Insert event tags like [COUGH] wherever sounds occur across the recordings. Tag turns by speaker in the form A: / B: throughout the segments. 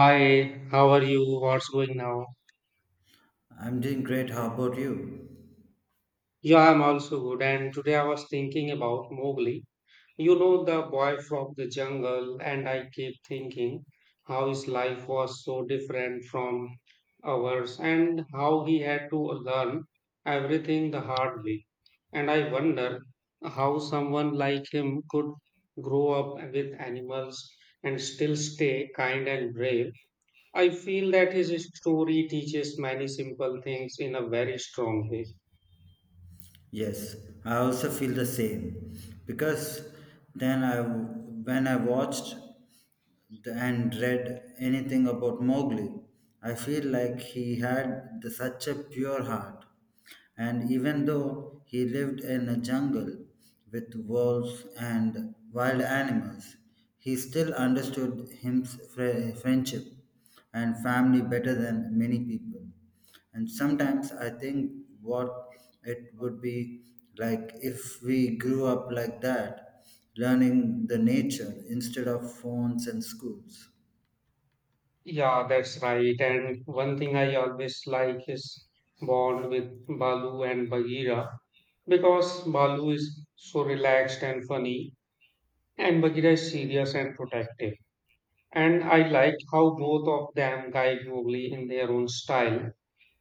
A: Hi, how are you? What's going now?
B: I'm doing great. How about you?
A: Yeah, I'm also good. And today I was thinking about Mowgli. You know, the boy from the jungle, and I keep thinking how his life was so different from ours and how he had to learn everything the hard way. And I wonder how someone like him could grow up with animals and still stay kind and brave. I feel that his story teaches many simple things in a very strong way.
B: Yes, I also feel the same because then I when I watched and read anything about Mowgli, I feel like he had such a pure heart, and even though he lived in a jungle with wolves and wild animals, he still understood him friendship and family better than many people, and sometimes I think what it would be like if we grew up like that, learning the nature instead of phones and schools.
A: Yeah, that's right. And one thing I always like is bond with Balu and Bagheera because Balu is so relaxed and funny, and Bagheera is serious and protective. And I like how both of them guide Mowgli in their own style.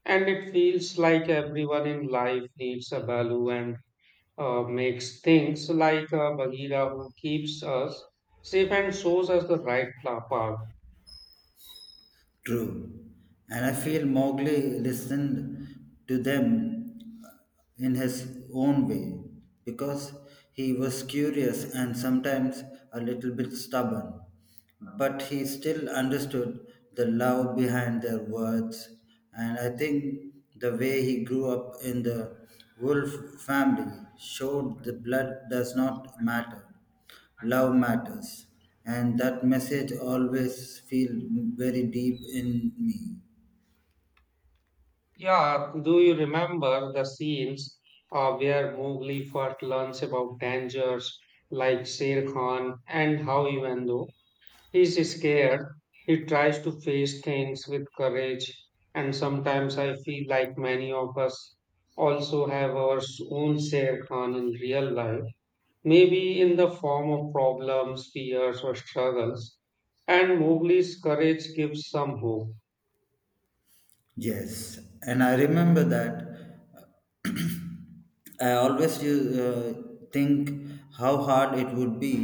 A: And it feels like everyone in life needs a Balu and makes things like Bagheera who keeps us safe and shows us the right path.
B: True, and I feel Mowgli listened to them in his own way because he was curious and sometimes a little bit stubborn. But he still understood the love behind their words, and I think the way he grew up in the wolf family showed the blood does not matter, love matters. And that message always feel very deep in me.
A: Yeah, do you remember the scenes where Mowgli first learns about dangers like Sher Khan and how even though he's scared, he tries to face things with courage. And sometimes I feel like many of us also have our own Sher Khan in real life, maybe in the form of problems, fears, or struggles. And Mowgli's courage gives some hope.
B: Yes, and I remember that I always think how hard it would be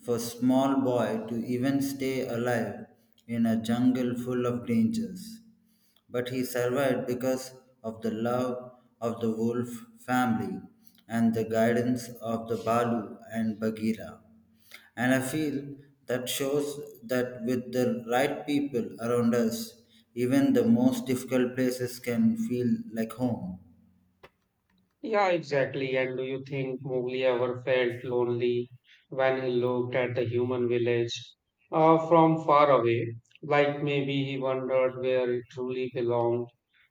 B: for small boy to even stay alive in a jungle full of dangers. But he survived because of the love of the wolf family and the guidance of the Balu and Bagheera. And I feel that shows that with the right people around us, even the most difficult places can feel like home.
A: Yeah, exactly. And do you think Mowgli ever felt lonely when he looked at the human village from far away? Like maybe he wondered where it truly belonged.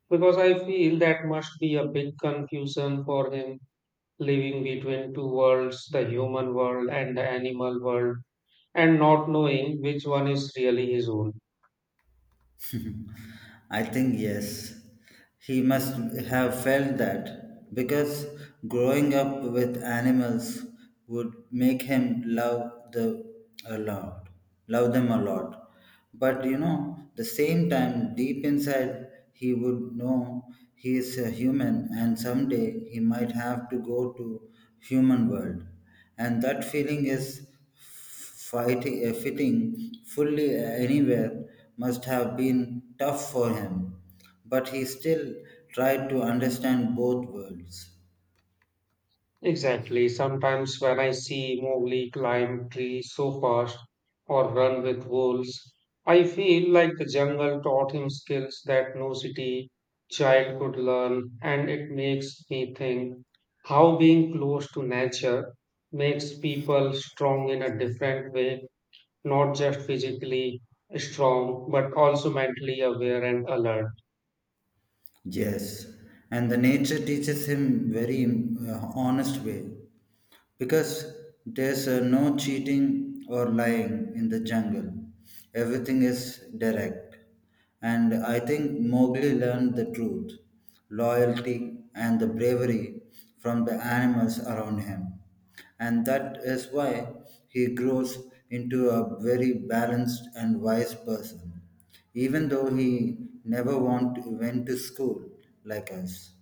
A: Because I feel that must be a big confusion for him, living between two worlds, the human world and the animal world, and not knowing which one is really his own.
B: [LAUGHS] I think yes. He must have felt that because growing up with animals would make him a lot, love them a lot. But you know, the same time deep inside he would know he is a human and someday he might have to go to human world, and that feeling is fitting fully anywhere must have been tough for him, but he still tried to understand both worlds.
A: Exactly. Sometimes when I see Mowgli climb trees so fast or run with wolves, I feel like the jungle taught him skills that no city child could learn, and it makes me think how being close to nature makes people strong in a different way, not just physically strong, but also mentally aware and alert.
B: Yes, and the nature teaches him very honest way, because there's no cheating or lying in the jungle. Everything is direct. And I think Mowgli learned the truth, loyalty, and the bravery from the animals around him. And that is why he grows into a very balanced and wise person, even though he never want, went to school like us.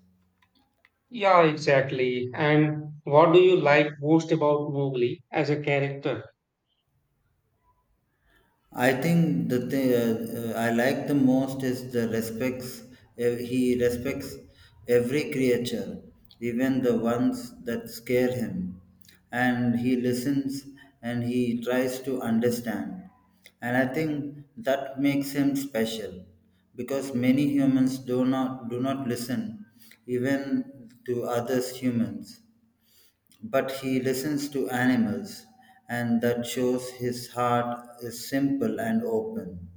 A: Yeah, exactly. And what do you like most about Mowgli as a character?
B: I think the thing I like the most is the respects he respects every creature, even the ones that scare him, and he listens and he tries to understand, and I think that makes him special, because many humans do not listen even to others humans, but he listens to animals, and that shows his heart is simple and open.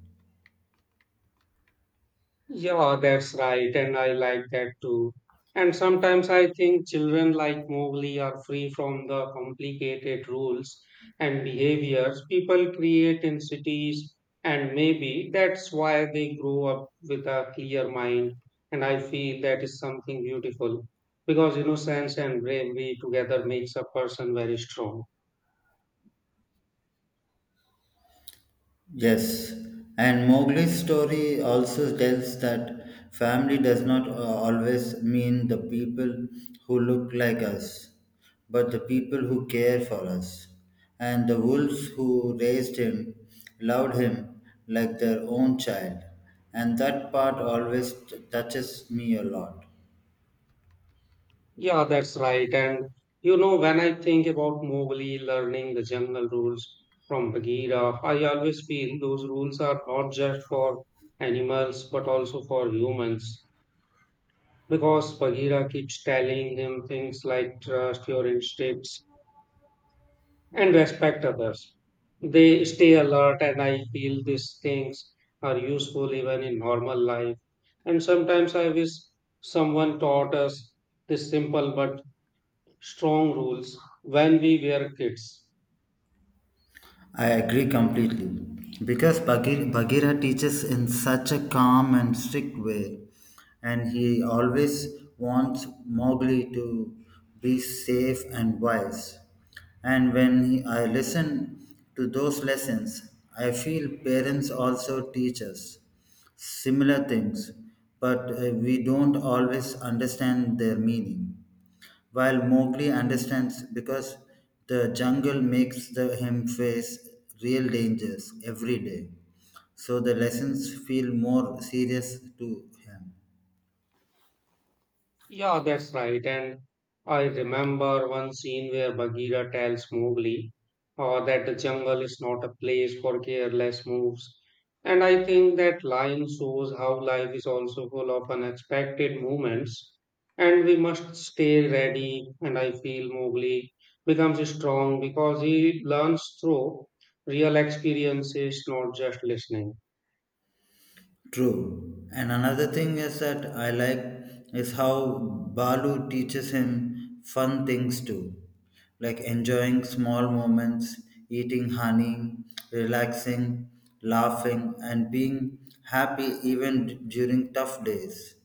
A: Yeah, that's right, and I like that too. And sometimes I think children like Mowgli are free from the complicated rules and behaviors people create in cities, and maybe that's why they grow up with a clear mind. And I feel that is something beautiful because innocence and bravery together makes a person very strong.
B: Yes, and Mowgli's story also tells that family does not always mean the people who look like us, but the people who care for us. And the wolves who raised him loved him like their own child, and that part always touches me a lot.
A: Yeah, that's right. And you know, when I think about Mowgli learning the jungle rules from Bagheera, I always feel those rules are not just for animals but also for humans. Because Bagheera keeps telling him things like trust your instincts and respect others. They stay alert, and I feel these things are useful even in normal life. And sometimes I wish someone taught us this simple but strong rules when we were kids.
B: I agree completely. Because Bagheera teaches in such a calm and strict way, and he always wants Mowgli to be safe and wise. And I listen to those lessons, I feel parents also teach us similar things, but we don't always understand their meaning, while Mowgli understands because the jungle makes him face real dangers every day. So the lessons feel more serious to him.
A: Yeah, that's right. And I remember one scene where Bagheera tells Mowgli that the jungle is not a place for careless moves. And I think that line shows how life is also full of unexpected moments, and we must stay ready. And I feel Mowgli becomes strong because he learns through real experiences, not just listening.
B: True. And another thing is that I like is how Balu teaches him fun things too, like enjoying small moments, eating honey, relaxing, laughing, and being happy even during tough days.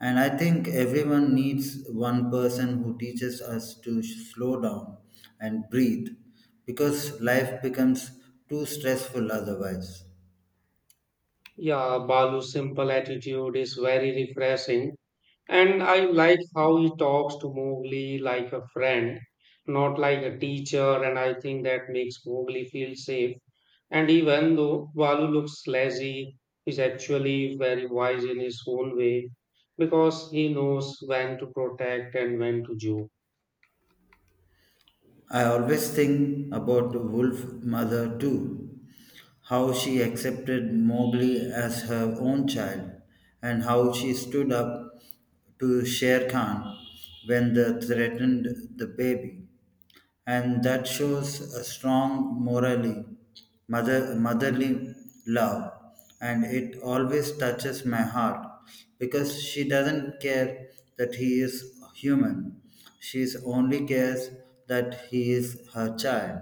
B: And I think everyone needs one person who teaches us to slow down and breathe, because life becomes too stressful otherwise.
A: Yeah, Balu's simple attitude is very refreshing, and I like how he talks to Mowgli like a friend, not like a teacher, and I think that makes Mowgli feel safe. And even though Balu looks lazy, he's actually very wise in his own way because he knows when to protect and when to joke.
B: I always think about the Wolf Mother too, how she accepted Mowgli as her own child, and how she stood up to Sher Khan when they threatened the baby, and that shows a strong motherly love, and it always touches my heart because she doesn't care that he is human, she only cares that he is her child.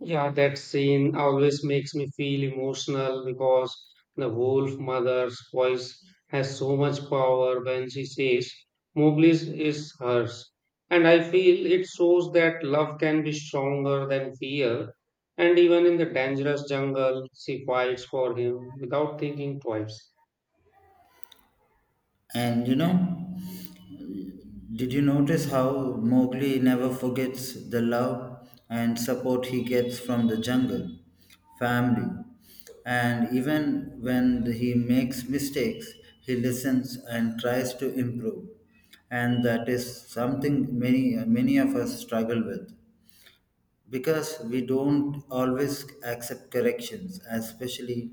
A: Yeah, that scene always makes me feel emotional because the wolf mother's voice has so much power when she says, Mowgli's is hers. And I feel it shows that love can be stronger than fear. And even in the dangerous jungle, she fights for him without thinking twice.
B: And you know, did you notice how Mowgli never forgets the love and support he gets from the jungle family? And even when he makes mistakes, he listens and tries to improve. And that is something many of us struggle with because we don't always accept corrections, especially,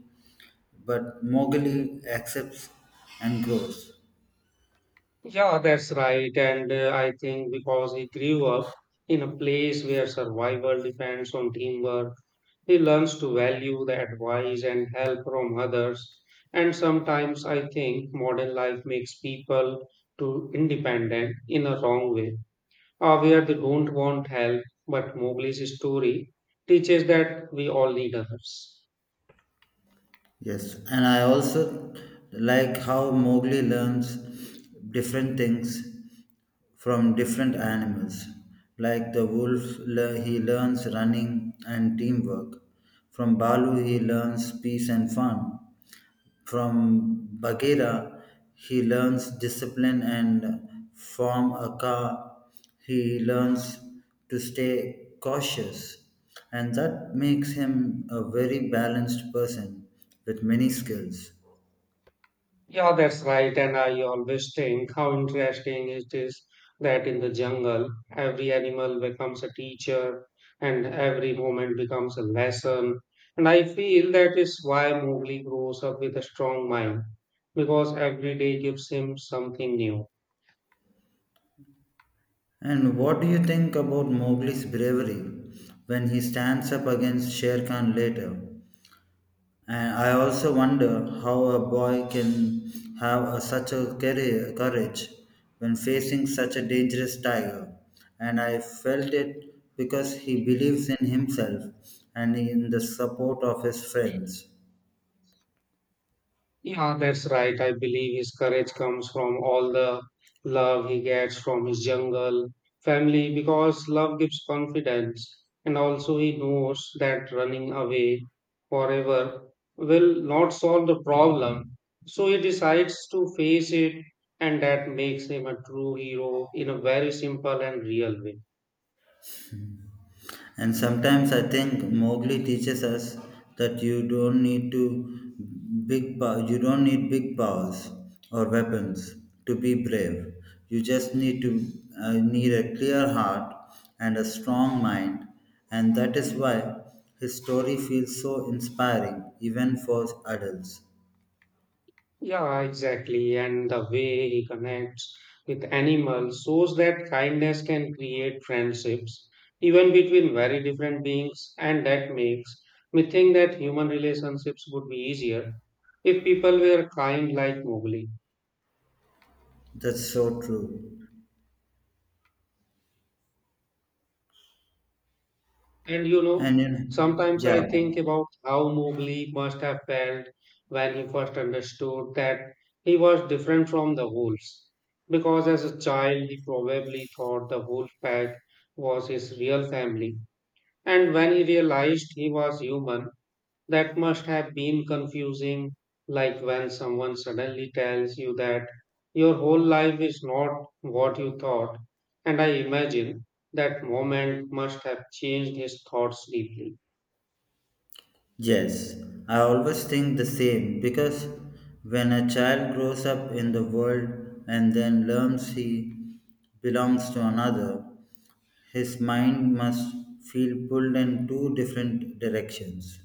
B: but Mowgli accepts and grows.
A: Yeah, that's right. And I think because he grew up in a place where survival depends on teamwork, he learns to value the advice and help from others. And sometimes I think modern life makes people too independent in a wrong way, or where they don't want help. But Mowgli's story teaches that we all need others.
B: Yes, and I also like how Mowgli learns different things from different animals. Like the wolf, he learns running and teamwork. From Balu, he learns peace and fun. From Bagheera, he learns discipline, and from Akka, he learns to stay cautious. And that makes him a very balanced person with many skills.
A: Yeah, that's right. And I always think how interesting it is that in the jungle, every animal becomes a teacher and every moment becomes a lesson. And I feel that is why Mowgli grows up with a strong mind because every day gives him something new.
B: And what do you think about Mowgli's bravery when he stands up against Sher Khan later? And I also wonder how a boy can have such a courage when facing such a dangerous tiger. And I felt it because he believes in himself and in the support of his friends.
A: Yeah, that's right. I believe his courage comes from all the love he gets from his jungle family because love gives confidence. And also, he knows that running away forever will not solve the problem. So, he decides to face it, and that makes him a true hero in a very simple and real way.
B: And sometimes I think Mowgli teaches us that you don't need big powers or weapons to be brave. You just need to need a clear heart and a strong mind, and that is why his story feels so inspiring even for adults.
A: Yeah, exactly. And the way he connects with animals shows that kindness can create friendships, even between very different beings, and that makes me think that human relationships would be easier if people were kind like Mowgli.
B: That's so true.
A: And you
B: And
A: know,
B: you know,
A: sometimes
B: yeah.
A: I think about how Mowgli must have felt when he first understood that he was different from the wolves. Because as a child, he probably thought the wolf pack was his real family. And when he realized he was human, that must have been confusing, like when someone suddenly tells you that your whole life is not what you thought. And I imagine that moment must have changed his thoughts deeply.
B: Yes, I always think the same because when a child grows up in the world and then learns he belongs to another, his mind must feel pulled in two different directions,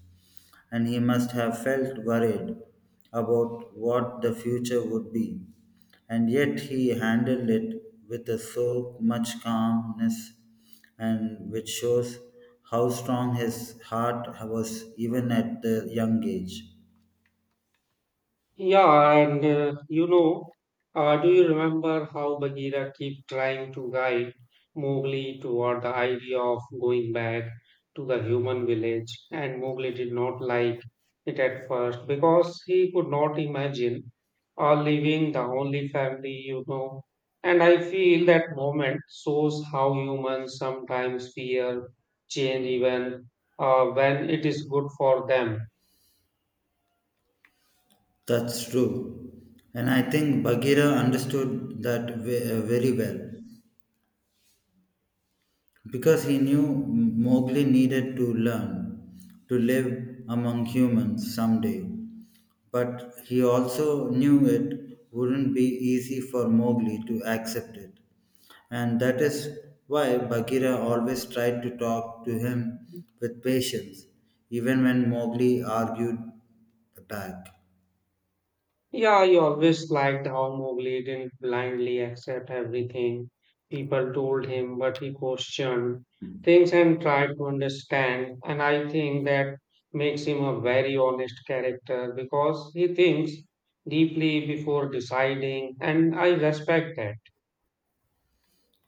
B: and he must have felt worried about what the future would be. And yet he handled it with a so much calmness, and which shows how strong his heart was even at the young age.
A: Yeah, and you know, do you remember how Bagheera kept trying to guide Mowgli toward the idea of going back to the human village? And Mowgli did not like it at first because he could not imagine leaving the only family you know. And I feel that moment shows how humans sometimes fear change even when it is good for them.
B: That's true. And I think Bagheera understood that very well. Because he knew Mowgli needed to learn to live among humans someday. But he also knew it wouldn't be easy for Mowgli to accept it. And that is why Bagheera always tried to talk to him with patience, even when Mowgli argued back.
A: Yeah, he always liked how Mowgli didn't blindly accept everything people told him, but he questioned things and tried to understand. And I think that makes him a very honest character because he thinks deeply before deciding, and I respect that.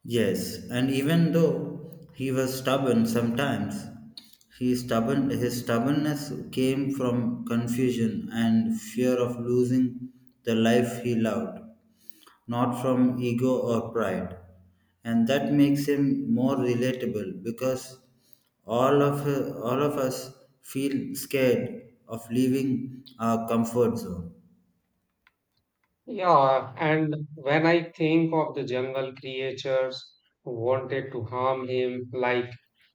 B: Yes, and even though he was stubborn sometimes, his stubbornness came from confusion and fear of losing the life he loved, not from ego or pride. And that makes him more relatable because all of, all of us feel scared of leaving our comfort zone.
A: Yeah, and when I think of the jungle creatures who wanted to harm him, like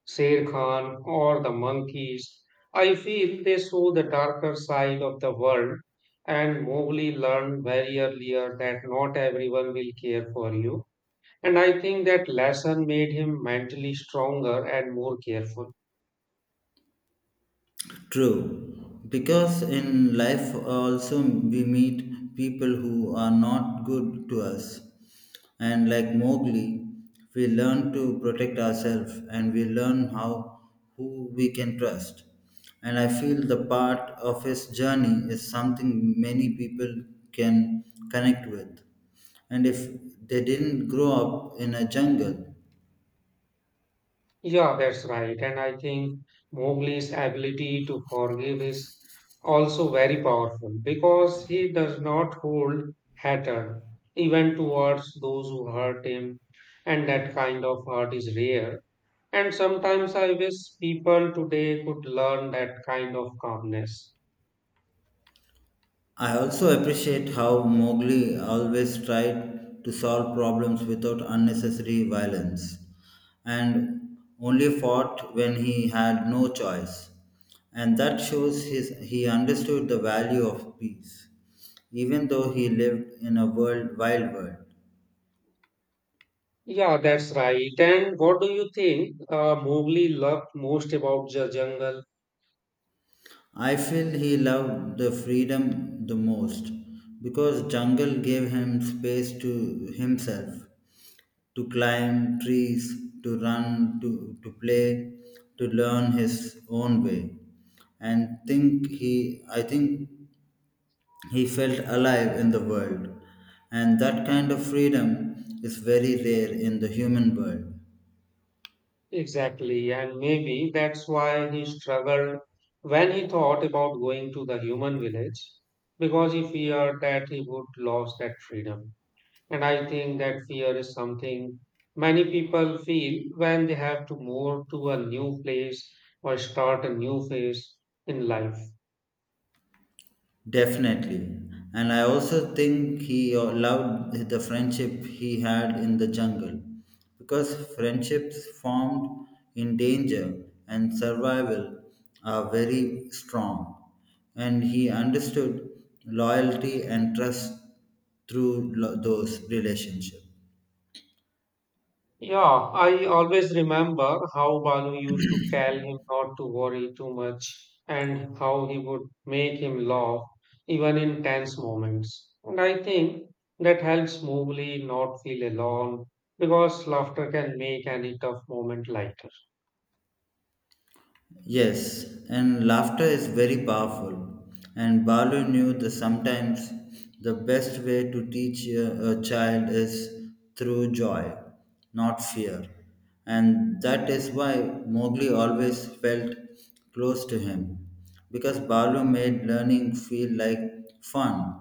A: Sher Khan or the monkeys, I feel they saw the darker side of the world, and Mowgli learned very earlier that not everyone will care for you. And I think that lesson made him mentally stronger and more careful.
B: True, because in life also we meet people who are not good to us. And like Mowgli, we learn to protect ourselves, and we learn how who we can trust. And I feel the part of his journey is something many people can connect with. And if they didn't grow up in a jungle,
A: Yeah, that's right. And I think Mowgli's ability to forgive is also very powerful because he does not hold hatred even towards those who hurt him. And that kind of hurt is rare. And sometimes I wish people today could learn that kind of calmness.
B: I also appreciate how Mowgli always tried to solve problems without unnecessary violence and only fought when he had no choice. And that shows his, he understood the value of peace, even though he lived in a wild world.
A: Yeah, that's right. And what do you think Mowgli loved most about the jungle?
B: I feel he loved the freedom the most because jungle gave him space to himself to climb trees, to run, to play, to learn his own way. And think he I think he felt alive in the world. And that kind of freedom is very rare in the human world.
A: Exactly, and maybe that's why he struggled when he thought about going to the human village, because he feared that he would lose that freedom. And I think that fear is something many people feel when they have to move to a new place or start a new phase in life.
B: Definitely. And I also think he loved the friendship he had in the jungle because friendships formed in danger and survival are very strong. And he understood loyalty and trust through those relationships.
A: Yeah, I always remember how Balu used to tell him not to worry too much and how he would make him laugh even in tense moments. And I think that helps Mowgli not feel alone because laughter can make any tough moment lighter.
B: Yes, and laughter is very powerful. And Balu knew that sometimes the best way to teach a child is through joy, not fear. And that is why Mowgli always felt close to him, because Balu made learning feel like fun.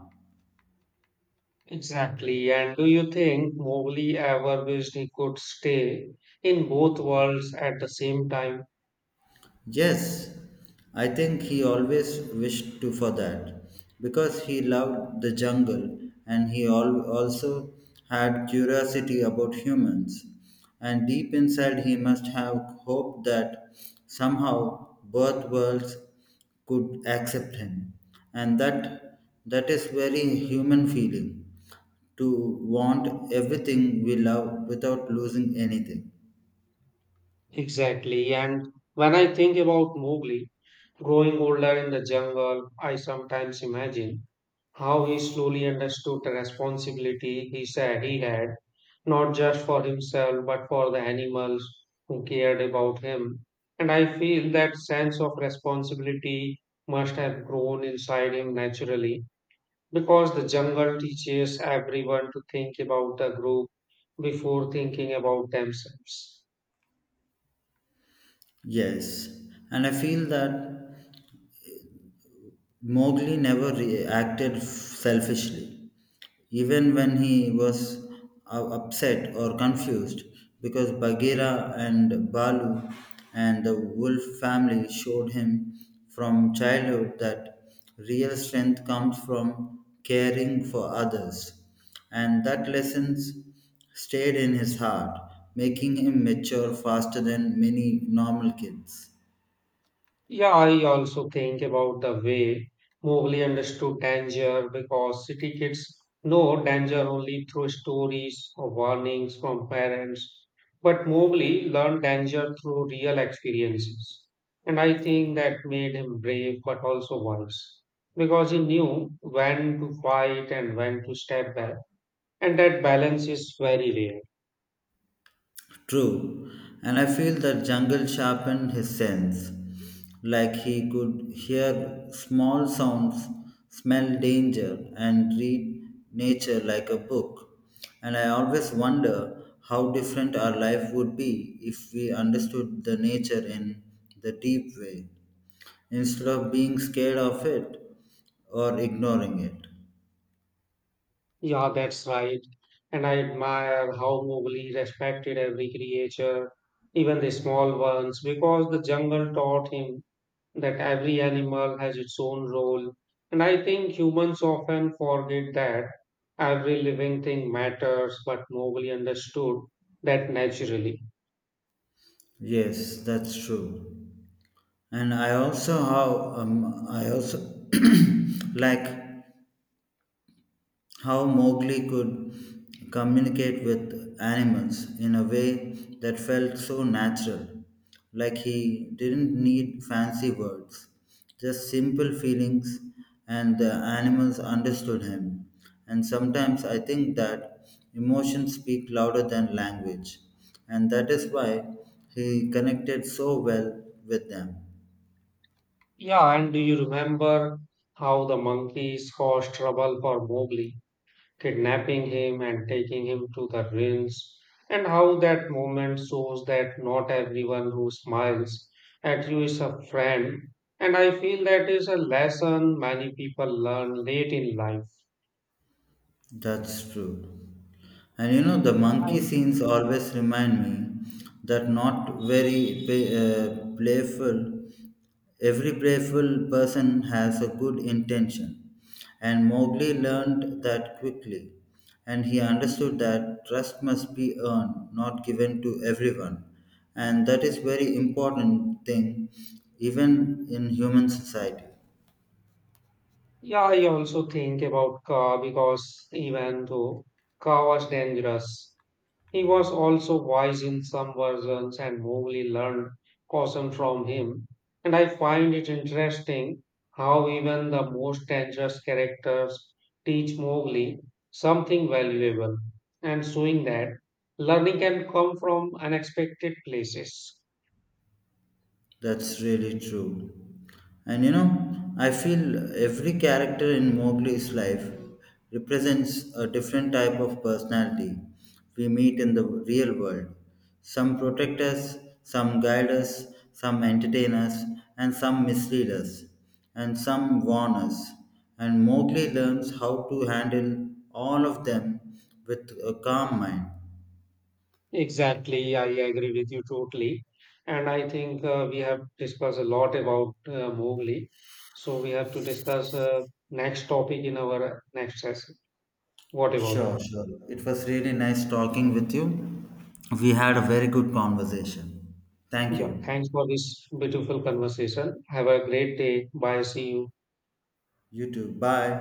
A: Exactly. And do you think Mowgli ever wished he could stay in both worlds at the same time?
B: Yes, I think he always wished to for that because he loved the jungle, and also had curiosity about humans. And deep inside, he must have hoped that somehow both worlds could accept him. And that is very human feeling to want everything we love without losing anything.
A: Exactly. And when I think about Mowgli, growing older in the jungle, I sometimes imagine how he slowly understood the responsibility he said he had, not just for himself but for the animals who cared about him. And I feel that sense of responsibility must have grown inside him naturally because the jungle teaches everyone to think about the group before thinking about themselves.
B: Yes, and I feel that Mowgli never acted selfishly, even when he was upset or confused, because Bagheera and Balu and the wolf family showed him from childhood that real strength comes from caring for others, and that lessons stayed in his heart, making him mature faster than many normal kids.
A: Yeah, I also think about the way Mowgli understood danger because city kids know danger only through stories or warnings from parents. But Mowgli learned danger through real experiences. And I think that made him brave but also wise because he knew when to fight and when to step back. And that balance is very rare.
B: True, and I feel that jungle sharpened his sense, like he could hear small sounds, smell danger, and read nature like a book. And I always wonder how different our life would be if we understood the nature in the deep way, instead of being scared of it or ignoring it.
A: Yeah, that's right. And I admire how Mowgli respected every creature, even the small ones, because the jungle taught him that every animal has its own role. And I think humans often forget that every living thing matters, but Mowgli understood that naturally.
B: Yes, that's true. And I also [CLEARS THROAT] like how Mowgli could communicate with animals in a way that felt so natural, like he didn't need fancy words, just simple feelings, and the animals understood him. And sometimes I think that emotions speak louder than language, and that is why he connected so well with them.
A: Yeah, and do you remember how the monkeys caused trouble for Mowgli, kidnapping him and taking him to the ruins, and how that moment shows that not everyone who smiles at you is a friend. And I feel that is a lesson many people learn late in life.
B: That's true. And you know, the monkey
A: And
B: scenes always remind me that not very pay, playful, every playful person has a good intention. And Mowgli learned that quickly. And he understood that trust must be earned, not given to everyone. And that is very important thing, even in human society.
A: yeah, I also think about Ka because even though Ka was dangerous, he was also wise in some versions and Mowgli learned caution from him. And I find it interesting how even the most dangerous characters teach Mowgli something valuable, and showing that learning can come from unexpected places.
B: That's really true. And you know, I feel every character in Mowgli's life represents a different type of personality we meet in the real world. Some protect us, some guide us, some entertain us, and some mislead us, and some warn us. And Mowgli learns how to handle all of them with a calm mind.
A: Exactly, I agree with you totally. And I think we have discussed a lot about Mowgli. So we have to discuss next topic in our next session. What about
B: Sure,
A: you?
B: sure. It was really nice talking with you. We had a very good conversation. Thank
A: Yeah,
B: you.
A: thanks for this beautiful conversation. Have a great day. Bye. See you.
B: You too. Bye.